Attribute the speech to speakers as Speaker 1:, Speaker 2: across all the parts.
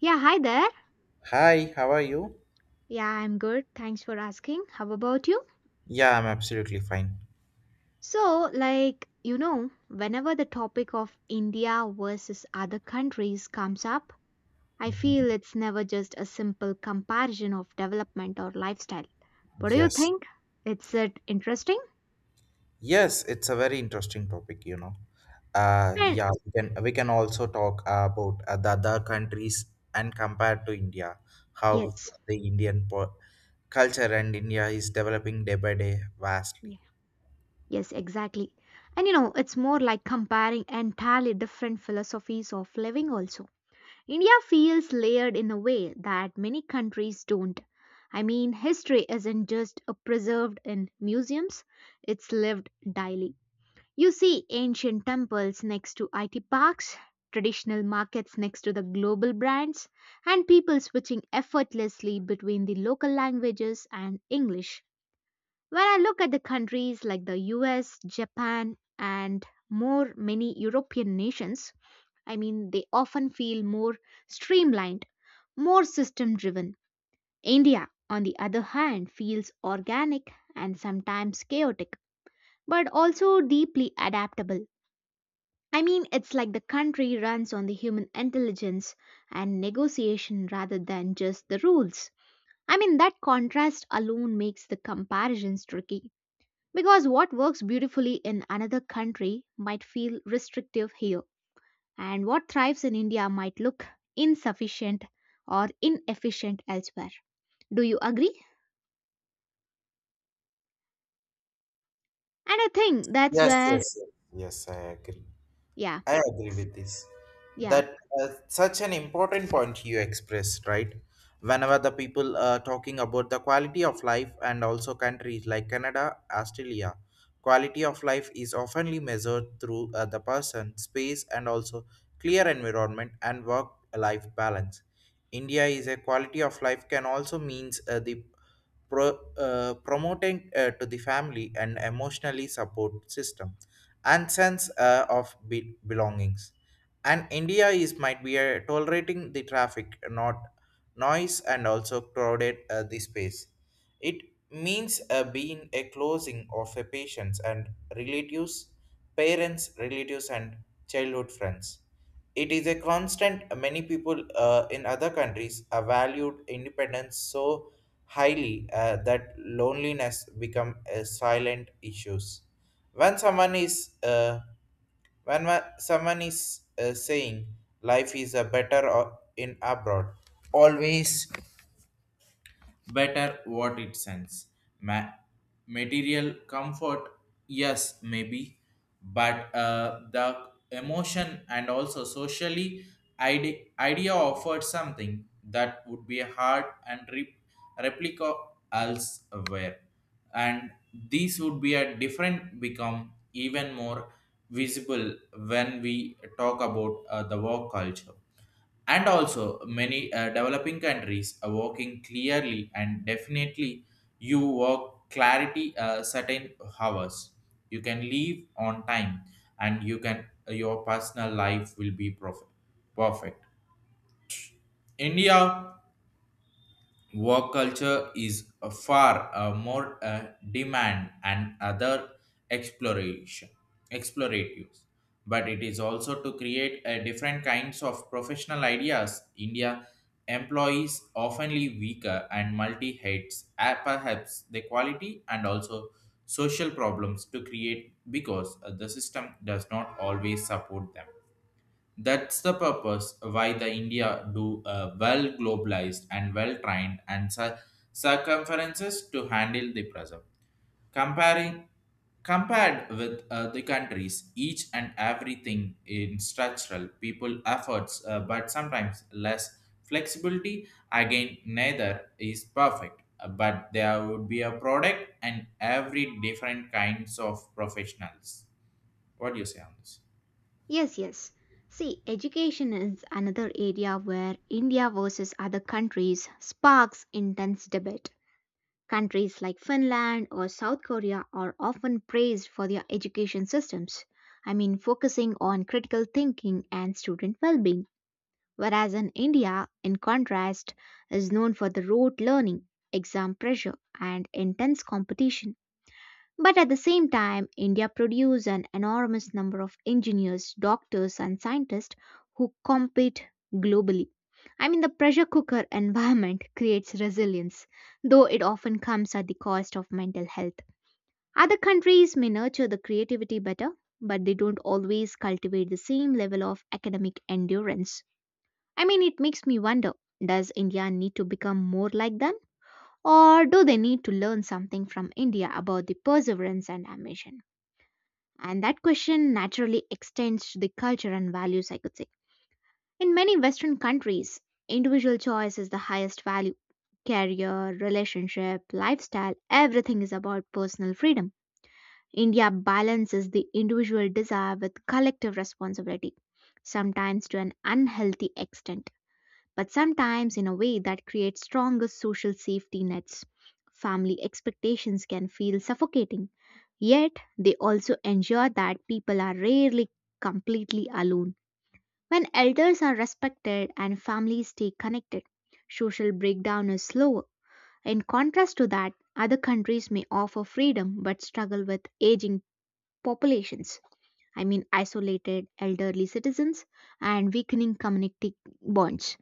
Speaker 1: Yeah, hi there.
Speaker 2: Hi, how are you?
Speaker 1: Yeah, I'm good. Thanks for asking. How about you?
Speaker 2: Yeah, I'm absolutely fine.
Speaker 1: So, like, you know, whenever the topic of India versus other countries comes up, I
Speaker 2: Mhm.
Speaker 1: feel it's never just a simple comparison of development or lifestyle. What do you
Speaker 2: Yes.
Speaker 1: think? It's it interesting?
Speaker 2: Yes, it's a very interesting topic. Uh,
Speaker 1: And
Speaker 2: yeah, we can also talk about the other countries and compared to India, how
Speaker 1: yes.
Speaker 2: the Indian po culture and India is developing day by day vastly.
Speaker 1: Yeah. Yes, exactly. And you know, it's more like comparing entirely different philosophies of living also. India feels layered in a way that many countries don't. I mean, history isn't just preserved in museums, it's lived daily. You see ancient temples next to IT parks, traditional markets next to the global brands, and people switching effortlessly between the local languages and English. When I look at the countries like the US, Japan, and more many European nations, I mean, they often feel more streamlined, more system driven. India, on the other hand, feels organic and sometimes chaotic, but also deeply adaptable. I mean, it's like the country runs on the human intelligence and negotiation rather than just the rules. I mean, that contrast alone makes the comparisons tricky because what works beautifully in another country might feel restrictive here and what thrives in India might look insufficient or inefficient elsewhere. Do you agree? And I think that's
Speaker 2: Yes,
Speaker 1: where,
Speaker 2: yes, yes. Yes, I agree.
Speaker 1: yeah,
Speaker 2: I agree
Speaker 1: s-
Speaker 2: with this.
Speaker 1: yeah,
Speaker 2: That such an important point you expressed, right? Whenever the people are talking about the quality of life and also countries like Canada, Australia, quality of life is oftenly measured through the person, space, and also clear environment and work-life balance. India is a quality of life can also means the promoting to the family and emotionally support system and sense of belongings. And India is might be tolerating the traffic, not noise, and also crowded the space. It means a being a closing of a patients and relatives, parents, relatives, and childhood friends. It is a constant. Many people in other countries are valued independence so highly that loneliness become a silent issues. When someone is uh, when someone is saying life is a better in abroad, always better what it sends. Ma- material comfort, yes, maybe, but the emotion and also socially idea offered something that would be hard and replica elsewhere, and these would be a different become even more visible when we talk about the work culture, and also many developing countries are working clearly and definitely. You work clarity certain hours. You can leave on time and you can your personal life will be perfect. India work culture is a far more demand and other exploration exploratives, but it is also to create a different kinds of professional ideas. India employees oftenly weaker and multi heads perhaps the quality and also social problems to create because the system does not always support them. That's the purpose why the India do a well globalized and well trained and circumferences to handle the present. Comparing compared with the countries, each and everything in structural people efforts, but sometimes less flexibility. Again, neither is perfect, but there would be a product and every different kinds of professionals. What do you say on this?
Speaker 1: yes, yes. See, education is another area where India versus other countries sparks intense debate. Countries like Finland or South Korea are often praised for their education systems. I mean, focusing on critical thinking and student well being, whereas in India, in contrast, is known for the rote learning, exam pressure, and intense competition. But at the same time, India produced an enormous number of engineers, doctors, and scientists who compete globally. I mean, the pressure cooker environment creates resilience, though it often comes at the cost of mental health. Other countries may nurture the creativity better, but they don't always cultivate the same level of academic endurance. I mean, it makes me wonder, does India need to become more like them? Or do they need to learn something from India about the perseverance and ambition? And that question naturally extends to the culture and values, I could say. In many Western countries, individual choice is the highest value. Career, relationship, lifestyle, everything is about personal freedom. India balances the individual desire with collective responsibility, sometimes to an unhealthy extent, but sometimes in a way that creates stronger social safety nets. Family expectations can feel suffocating, yet they also ensure that people are rarely completely alone. When elders are respected and families stay connected, social breakdown is slower. In contrast to that, other countries may offer freedom but struggle with aging populations. I mean, isolated elderly citizens and weakening community bonds.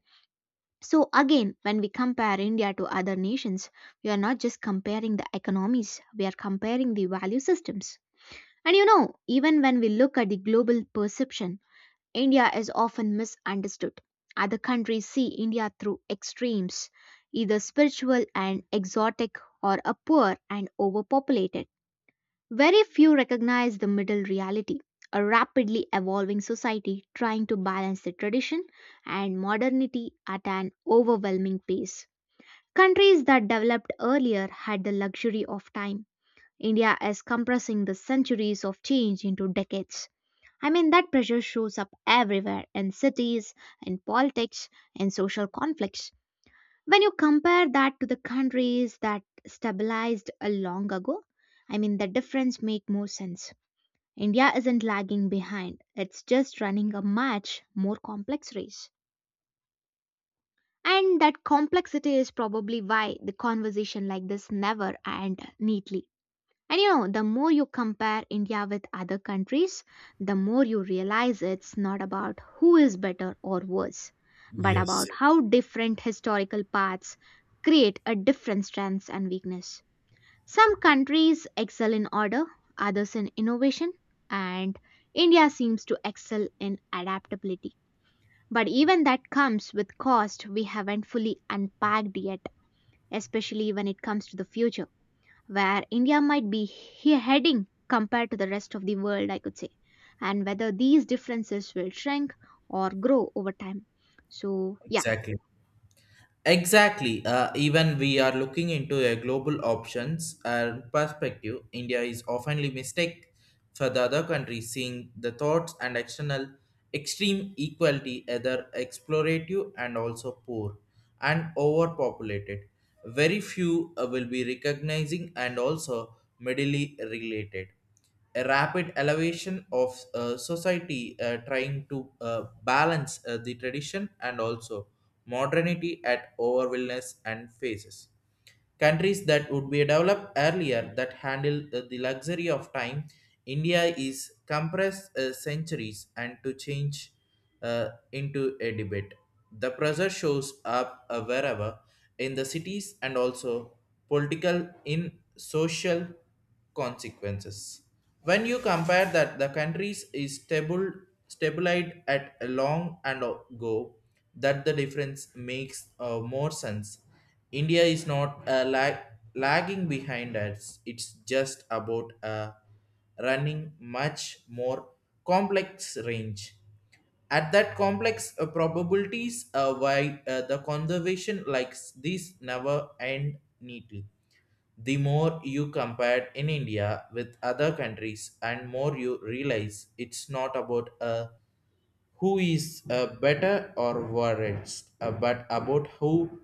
Speaker 1: So, again, when we compare India to other nations, we are not just comparing the economies, we are comparing the value systems. And you know, even when we look at the global perception, India is often misunderstood. Other countries see India through extremes, either spiritual and exotic or a poor and overpopulated. Very few recognize the middle reality, a rapidly evolving society trying to balance the tradition and modernity at an overwhelming pace. Countries that developed earlier had the luxury of time. India is compressing the centuries of change into decades. I mean, that pressure shows up everywhere in cities, in politics, in social conflicts. When you compare that to the countries that stabilized long ago, I mean, the difference make more sense. India isn't lagging behind, it's just running a much more complex race. And that complexity is probably why the conversation like this never end neatly. And you know, the more you compare India with other countries, the more you realize it's not about who is better or worse, but about
Speaker 2: Yes,
Speaker 1: how different historical paths create a different strengths and weakness. Some countries excel in order, others in innovation, and India seems to excel in adaptability. But even that comes with cost we haven't fully unpacked yet, especially when it comes to the future, where India might be heading compared to the rest of the world, I could say, and whether these differences will shrink or grow over time. So, yeah,
Speaker 2: exactly. Exactly. Even we are looking into a global options and perspective. India is oftenly mistake for the other countries, seeing the thoughts and external extreme equality either explorative and also poor and overpopulated. Very few will be recognizing and also medically related a rapid elevation of society trying to balance the tradition and also modernity at overwhelmness and phases. Countries that would be developed earlier that handle the luxury of time, India is compressed centuries and to change into a debate. The pressure shows up wherever in the cities and also political in social consequences. When you compare that the countries is stable stabilized at a long and go, that the difference makes more sense. India is not lagging behind us. It's just about running much more complex range. At that complex probabilities why the conservation likes these never end neatly. The more you compare in India with other countries and more you realize it's not about who is better or worse, but about who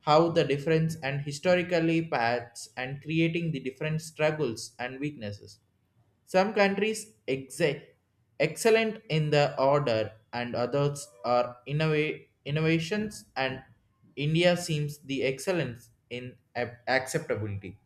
Speaker 2: how the difference and historically paths and creating the different struggles and weaknesses. Some countries excellent in the order, and others are innovations, and India seems the excellence in acceptability,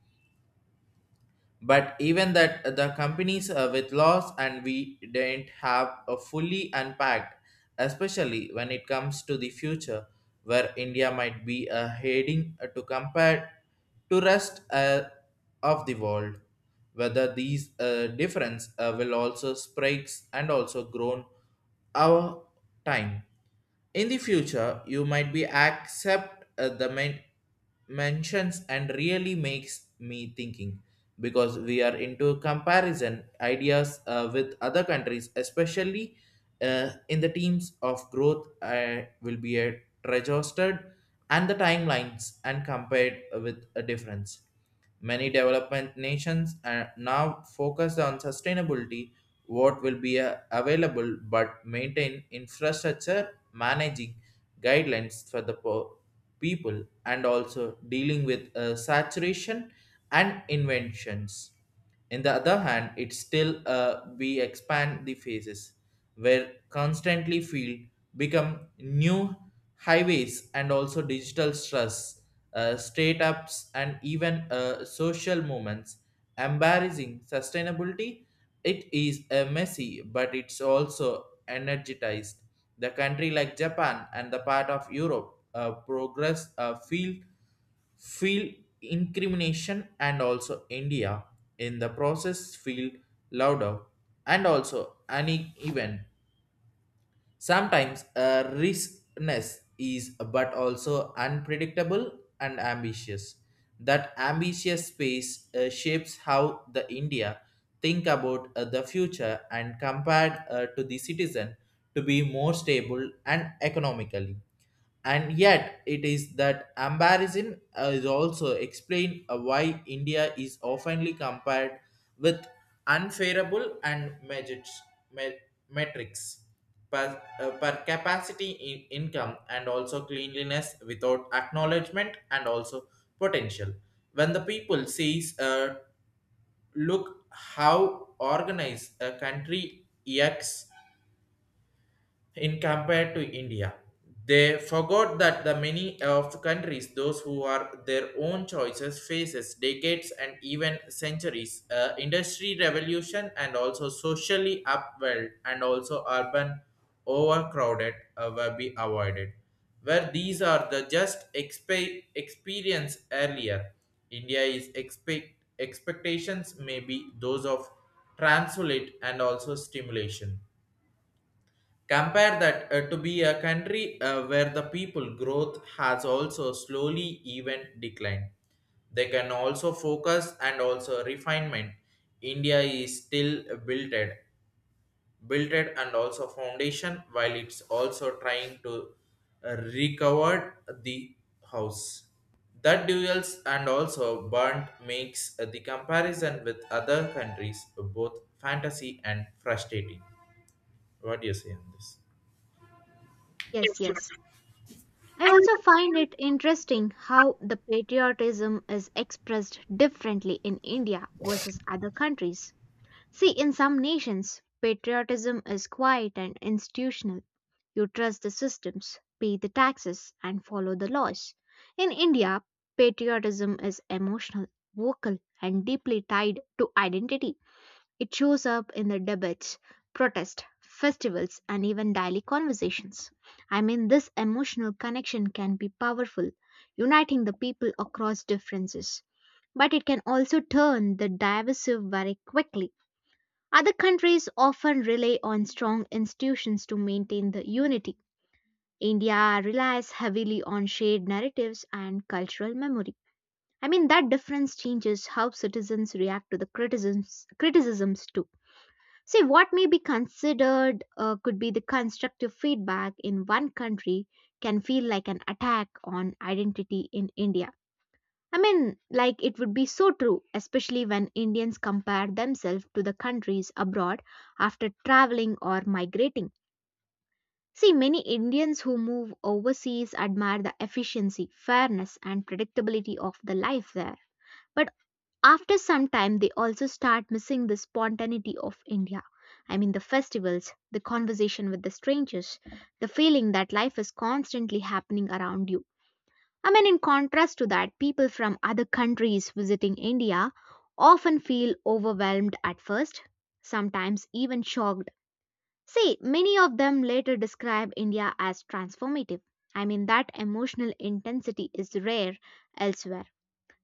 Speaker 2: but even that the companies with loss and we didn't have a fully unpacked, especially when it comes to the future where India might be heading to compare to rest of the world, whether these difference will also spikes and also grown our time in the future, you might be accept the mentions and really makes me thinking because we are into comparison ideas with other countries, especially in the teams of growth will be registered and the timelines and compared with a difference. Many development nations are now focused on sustainability what will be available but maintain infrastructure, managing guidelines for the people and also dealing with saturation and inventions. In the other hand, it still we expand the phases where constantly field become new highways and also digital stress, state ups and even social movements embarrassing sustainability. It is a messy but it's also energized the country like Japan, and the part of Europe progress feel incrimination and also India in the process feel louder and also uneven. Sometimes a riskness is but also unpredictable and ambitious. That ambitious space shapes how the India think about the future and compared to the citizen to be more stable and economically, and yet it is that embarrassment is also explained why India is oftenly compared with unfavorable and measures, me- metrics per capacity in income and also cleanliness without acknowledgement and also potential when the people sees look how organized a country acts in compared to India. They forgot that the many of countries, those who are their own choices, faces decades and even centuries, industry revolution and also socially upwell and also urban overcrowded will be avoided. Where these are the just experience earlier, India is expectations may be those of translate and also stimulation. Compare that to be a country where the people growth has also slowly even declined. They can also focus and also refinement. India is still builded and also foundation while it's also trying to recover the house. That duels and also burnt makes the comparison with other countries both fantasy and frustrating. What do you say on this?
Speaker 1: yes, yes. I also find it interesting how the patriotism is expressed differently in India versus other countries. See, in some nations, patriotism is quiet and institutional. You trust the systems, pay the taxes, and follow the laws. In India, patriotism is emotional, vocal, and deeply tied to identity. It shows up in the debates, protests, festivals, and even daily conversations. I mean, this emotional connection can be powerful, uniting the people across differences. But it can also turn the divisive very quickly. Other countries often rely on strong institutions to maintain the unity. India relies heavily on shared narratives and cultural memory. I mean, that difference changes how citizens react to the criticisms, criticisms too. See, what may be considered could be the constructive feedback in one country can feel like an attack on identity in India. I mean, like it would be so true, especially when Indians compare themselves to the countries abroad after traveling or migrating. See, many Indians who move overseas admire the efficiency, fairness, and predictability of the life there. But after some time, they also start missing the spontaneity of India. I mean, the festivals, the conversation with the strangers, the feeling that life is constantly happening around you. I mean, in contrast to that, people from other countries visiting India often feel overwhelmed at first, sometimes even shocked. See, many of them later describe India as transformative. I mean, that emotional intensity is rare elsewhere.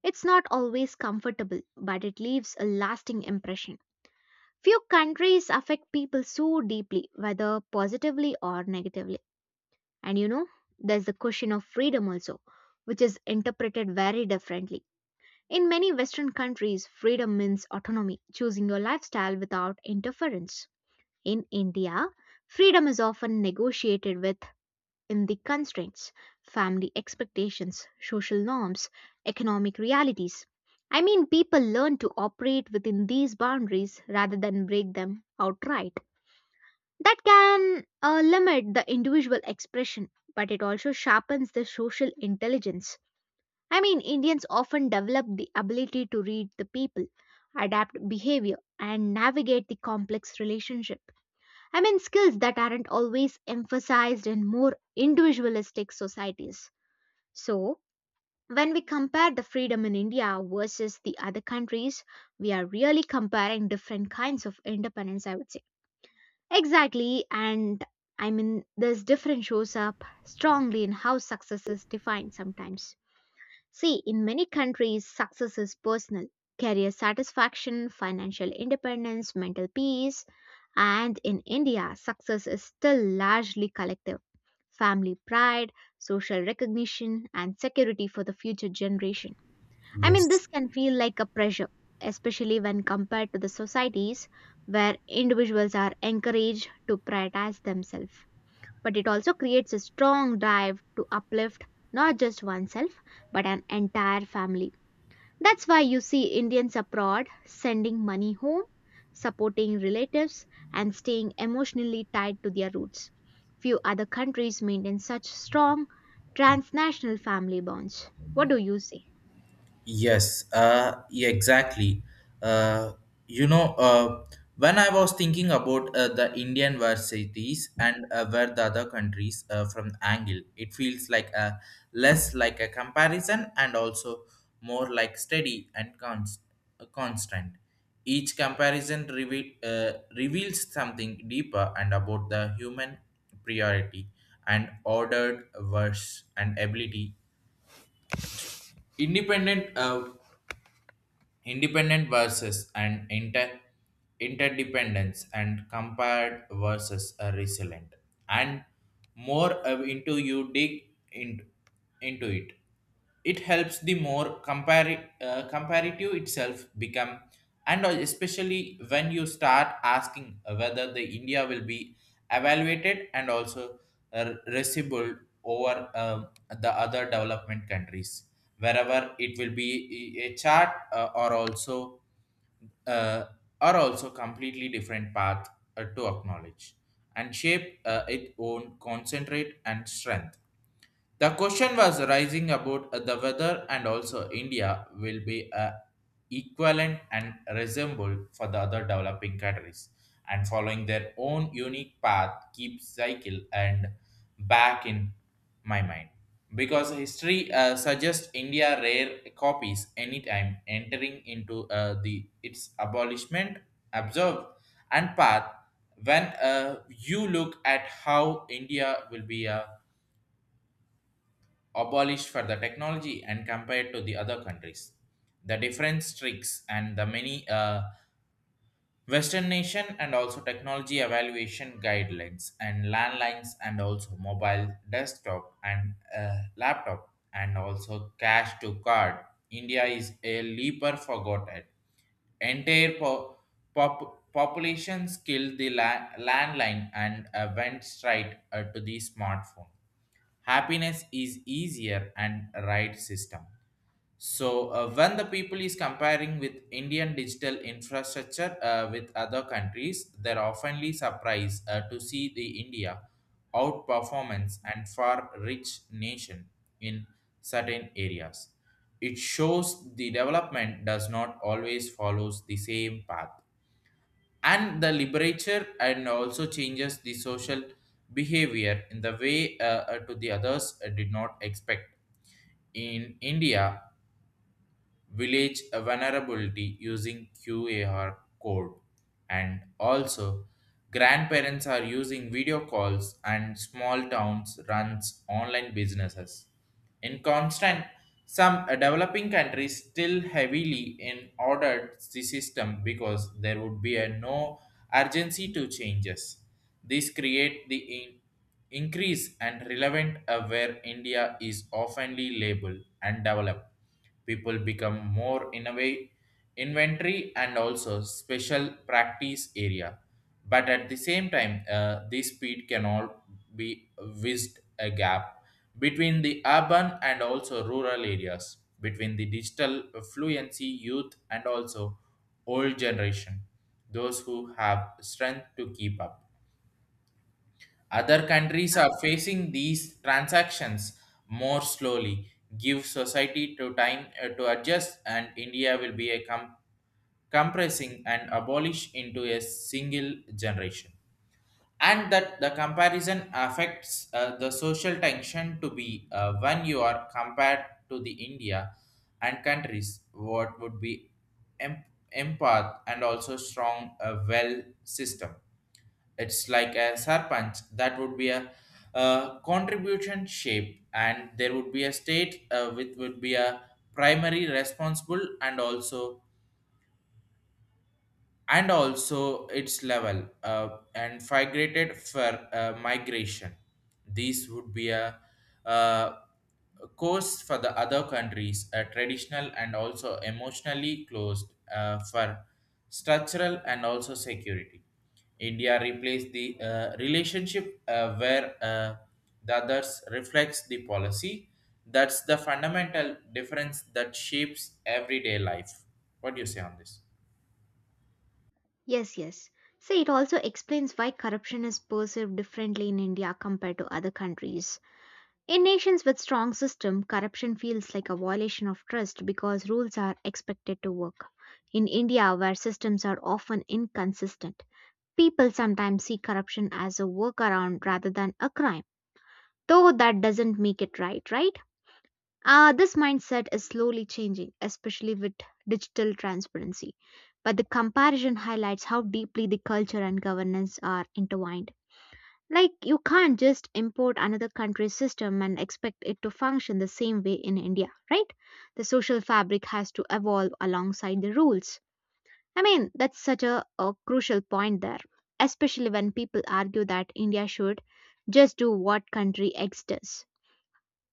Speaker 1: It's not always comfortable, but it leaves a lasting impression. Few countries affect people so deeply, whether positively or negatively. And you know, there's the question of freedom also, which is interpreted very differently. In many Western countries, freedom means autonomy, choosing your lifestyle without interference. In India, freedom is often negotiated with in the constraints, family expectations, social norms, economic realities. I mean, people learn to operate within these boundaries rather than break them outright. That can limit the individual expression, but it also sharpens the social intelligence. I mean, Indians often develop the ability to read the people, adapt behavior, and navigate the complex relationship. I mean, skills that aren't always emphasized in more individualistic societies. So, when we compare the freedom in India versus the other countries, we are really comparing different kinds of independence, I would say. Exactly, and I mean, this difference shows up strongly in how success is defined sometimes. See, in many countries, success is personal. Career satisfaction, financial independence, mental peace, and in India, success is still largely collective. Family pride, social recognition, and security for the future generation. I mean,
Speaker 2: Yes.
Speaker 1: this can feel like a pressure, especially when compared to the societies where individuals are encouraged to prioritize themselves, but it also creates a strong drive to uplift not just oneself but an entire family. That's why you see Indians abroad sending money home, supporting relatives, and staying emotionally tied to their roots. Few other countries maintain such strong transnational family bonds. What do you say?
Speaker 2: Yes, yeah, exactly. Uh, you know, uh, when I was thinking about the Indian varsities and where the other countries from angle, it feels like a less like a comparison and also more like steady and constant. Each comparison reveals something deeper and about the human priority and ordered verse and ability independent uh, independent versus and interdependence and compared versus a resilient and more into you dig in, into it. It helps the more comparative itself become, and especially when you start asking whether the India will be evaluated and also receivable over the other development countries wherever it will be a chart uh, or also completely different path to acknowledge and shape its own concentrate and strength. The question was rising about the whether and also India will be a equivalent and resemble for the other developing countries and following their own unique path keeps cycle and back in my mind because history suggests India rare copies anytime entering into the its abolishment observed and path when you look at how India will be a abolished for the technology and compared to the other countries. The different tricks and the many Western nation and also technology evaluation guidelines and landlines and also mobile desktop and laptop and also cash to card. India is a leaper forgotten entire populations killed the landline and went straight to the smartphone. Happiness is easier and right system, so when the people is comparing with Indian digital infrastructure with other countries, they're oftenly surprised to see the India outperformance and far rich nation in certain areas. It shows the development does not always follows the same path and the liberature and also changes the social behavior in the way to the others did not expect in India village vulnerability using QAR code. And also, grandparents are using video calls and small towns runs online businesses. In constant, some developing countries still heavily in ordered the system because there would be a no urgency to changes. This create the increase and relevant where India is oftenly labeled and developed. People become more innovate inventory and also special practice area. But at the same time, this speed cannot be whizzed a gap between the urban and also rural areas, between the digital fluency youth and also old generation, those who have strength to keep up. Other countries are facing these transactions more slowly. Give society to time to adjust, and India will be a compressing and abolish into a single generation. And that the comparison affects the social tension to be when you are compared to the India and countries what would be em- empath and also strong well system. It's like a serpent that would be a, contribution shape, and there would be a state which would be a primary responsible and also its level and migrated for migration. These would be a, uh course for the other countries, a traditional and also emotionally closed for structural and also security. India replaced the relationship where the others reflects the policy. That's the fundamental difference that shapes everyday life. What do you say on this?
Speaker 1: Yes, yes. See, it also explains why corruption is perceived differently in India compared to other countries. In nations with strong system, corruption feels like a violation of trust because rules are expected to work. In India, where systems are often inconsistent, people sometimes see corruption as a workaround rather than a crime. Though that doesn't make it right, right? This mindset is slowly changing, especially with digital transparency. But the comparison highlights how deeply the culture and governance are intertwined. Like, you can't just import another country's system and expect it to function the same way in India, right? The social fabric has to evolve alongside the rules. I mean, that's such a crucial point there, especially when people argue that India should just do what country X does.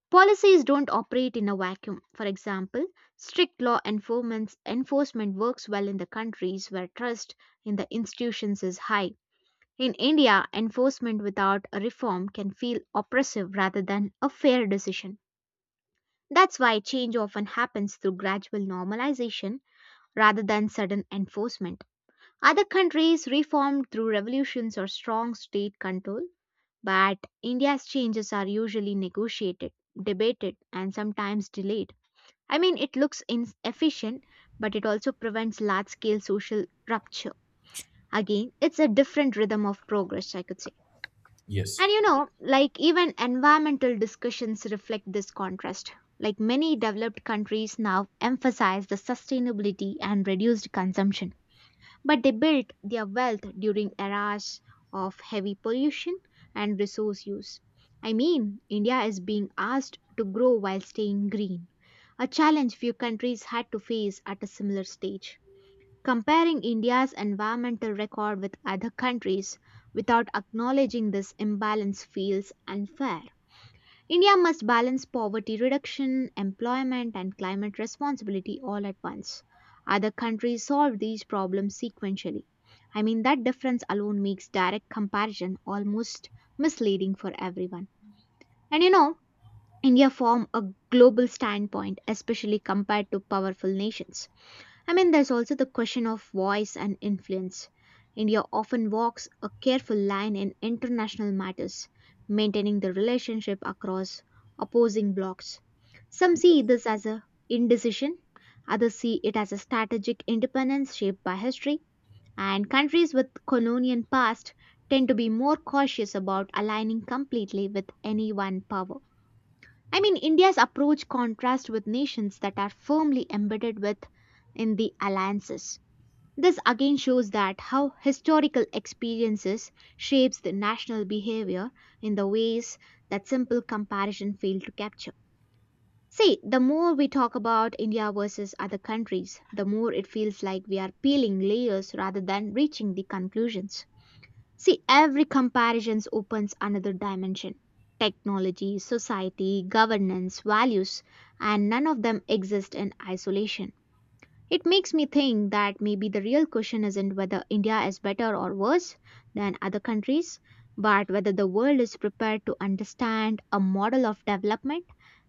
Speaker 1: Policies don't operate in a vacuum. For example, strict law enforcement works well in the countries where trust in the institutions is high. In India, enforcement without a reform can feel oppressive rather than a fair decision. That's why change often happens through gradual normalization rather than sudden enforcement. Other countries reformed through revolutions or strong state control, but India's changes are usually negotiated, debated, and sometimes delayed. I mean, it looks inefficient, but it also prevents large scale social rupture. Again, it's a different rhythm of progress, I could say.
Speaker 2: Yes.
Speaker 1: And you know, like even environmental discussions reflect this contrast. Like many developed countries now emphasize the sustainability and reduced consumption, but they built their wealth during eras of heavy pollution and resource use. I mean, India is being asked to grow while staying green, a challenge few countries had to face at a similar stage. Comparing India's environmental record with other countries without acknowledging this imbalance feels unfair. India must balance poverty reduction, employment, and climate responsibility all at once. Other countries solve these problems sequentially. I mean, that difference alone makes direct comparison almost misleading for everyone. And you know, India form a global standpoint, especially compared to powerful nations. I mean, there's also the question of voice and influence. India often walks a careful line in international matters, maintaining the relationship across opposing blocs. Some see this as a indecision, others see it as a strategic independence shaped by history, and countries with colonial past tend to be more cautious about aligning completely with any one power. I mean, India's approach contrasts with nations that are firmly embedded with in the alliances. This again shows that how historical experiences shapes the national behavior in the ways that simple comparison failed to capture. See, the more we talk about India versus other countries, the more it feels like we are peeling layers rather than reaching the conclusions. See, every comparison opens another dimension. Technology, society, governance, values, and none of them exist in isolation. It makes me think that maybe the real question isn't whether India is better or worse than other countries, but whether the world is prepared to understand a model of development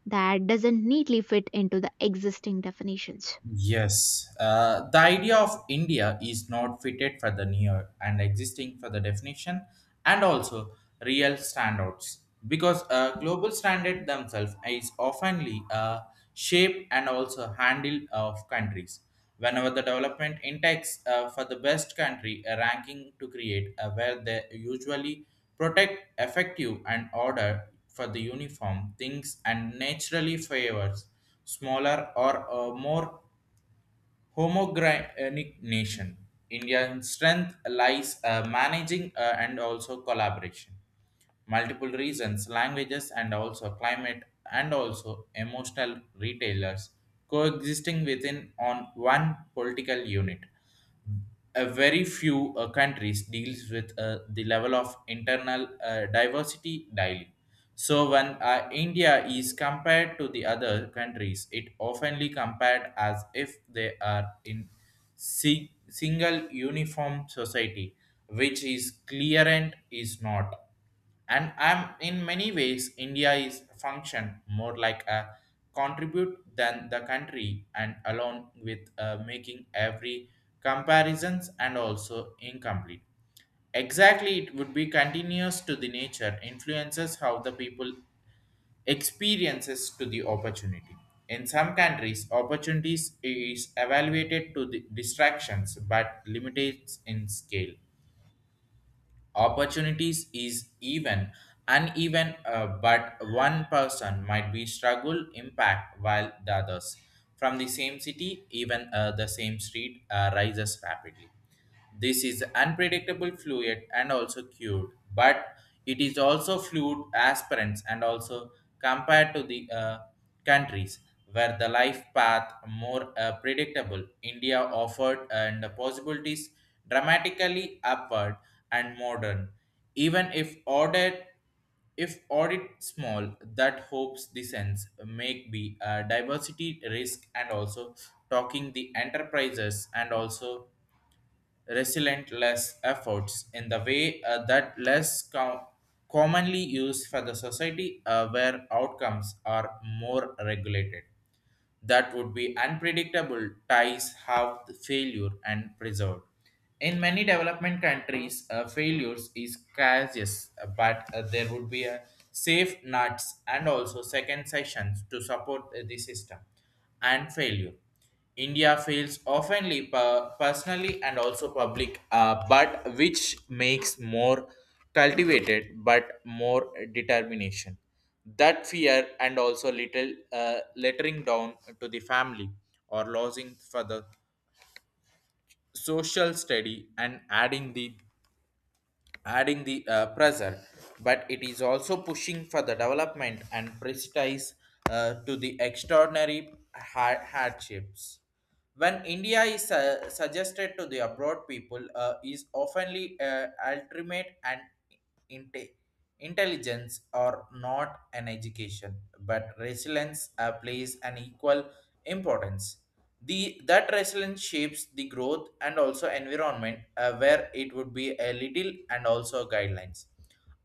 Speaker 1: that doesn't neatly fit into the existing definitions.
Speaker 2: Yes, the idea of India is not fitted for the near and existing for the definition and also real standouts because global standard themselves is oftenly a shape and also handle of countries. Whenever the development index for the best country a ranking to create where they usually protect effective and order for the uniform things and naturally favors smaller or more homogenic nation. Indian strength lies managing and also collaboration. Multiple reasons, languages, and also climate, and also emotional retailers coexisting within on one political unit, a very few countries deals with the level of internal diversity daily. So when India is compared to the other countries, it oftenly compared as if they are in single uniform society, which is clearant is not. And I'm in many ways india is function more like a contribute than the country, and along with making every comparisons and also incomplete. Exactly, it would be continuous to the nature influences how the people experiences to the opportunity. In some countries opportunities is evaluated to the distractions but limited in scale, opportunities is even uneven, but one person might be struggle impact while the others from the same city, even the same street rises rapidly. This is unpredictable fluid and also cured, but it is also fluid aspirants and also compared to the countries were the life path more predictable. India offered and the possibilities dramatically upward and modern. Even if audit small, that hopes the sense make be a diversity risk and also talking the enterprises and also resilient less efforts in the way that less commonly used for the society where outcomes are more regulated, that would be unpredictable ties have the failure and preserved. In many development countries, failures is cautious, but there would be a safe nuts and also second sessions to support the system and failure. India fails oftenly personally and also public, but which makes more cultivated but more determination. That fear and also little lettering down to the family or losing for the social study and adding the adding the pressure, but it is also pushing for the development and prestige to the extraordinary hardships. When India is suggested to the abroad people is oftenly ultimate and inte- intelligence or not an education, but resilience plays an equal importance. The that resilience shapes the growth and also environment where it would be a little and also guidelines.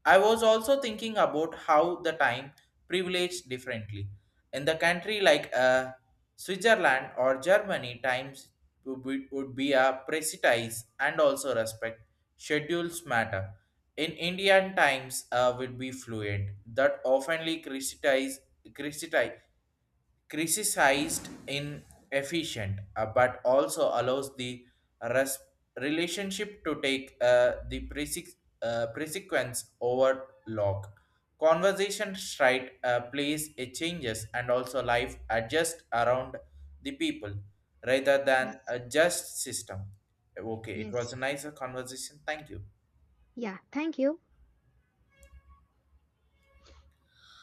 Speaker 2: I was also thinking about how the time privileged differently in the country like Switzerland or Germany times would be a precise and also respect schedules matter. In Indian times would be fluid that oftenly criticize criticized inefficient, but also allows the res- relationship to take the precedence over log conversation stride plays a changes and also life adjust around the people rather than
Speaker 1: Yes.
Speaker 2: a just system. Okay, it
Speaker 1: Yes.
Speaker 2: was a nicer conversation, thank you.
Speaker 1: Yeah, thank you.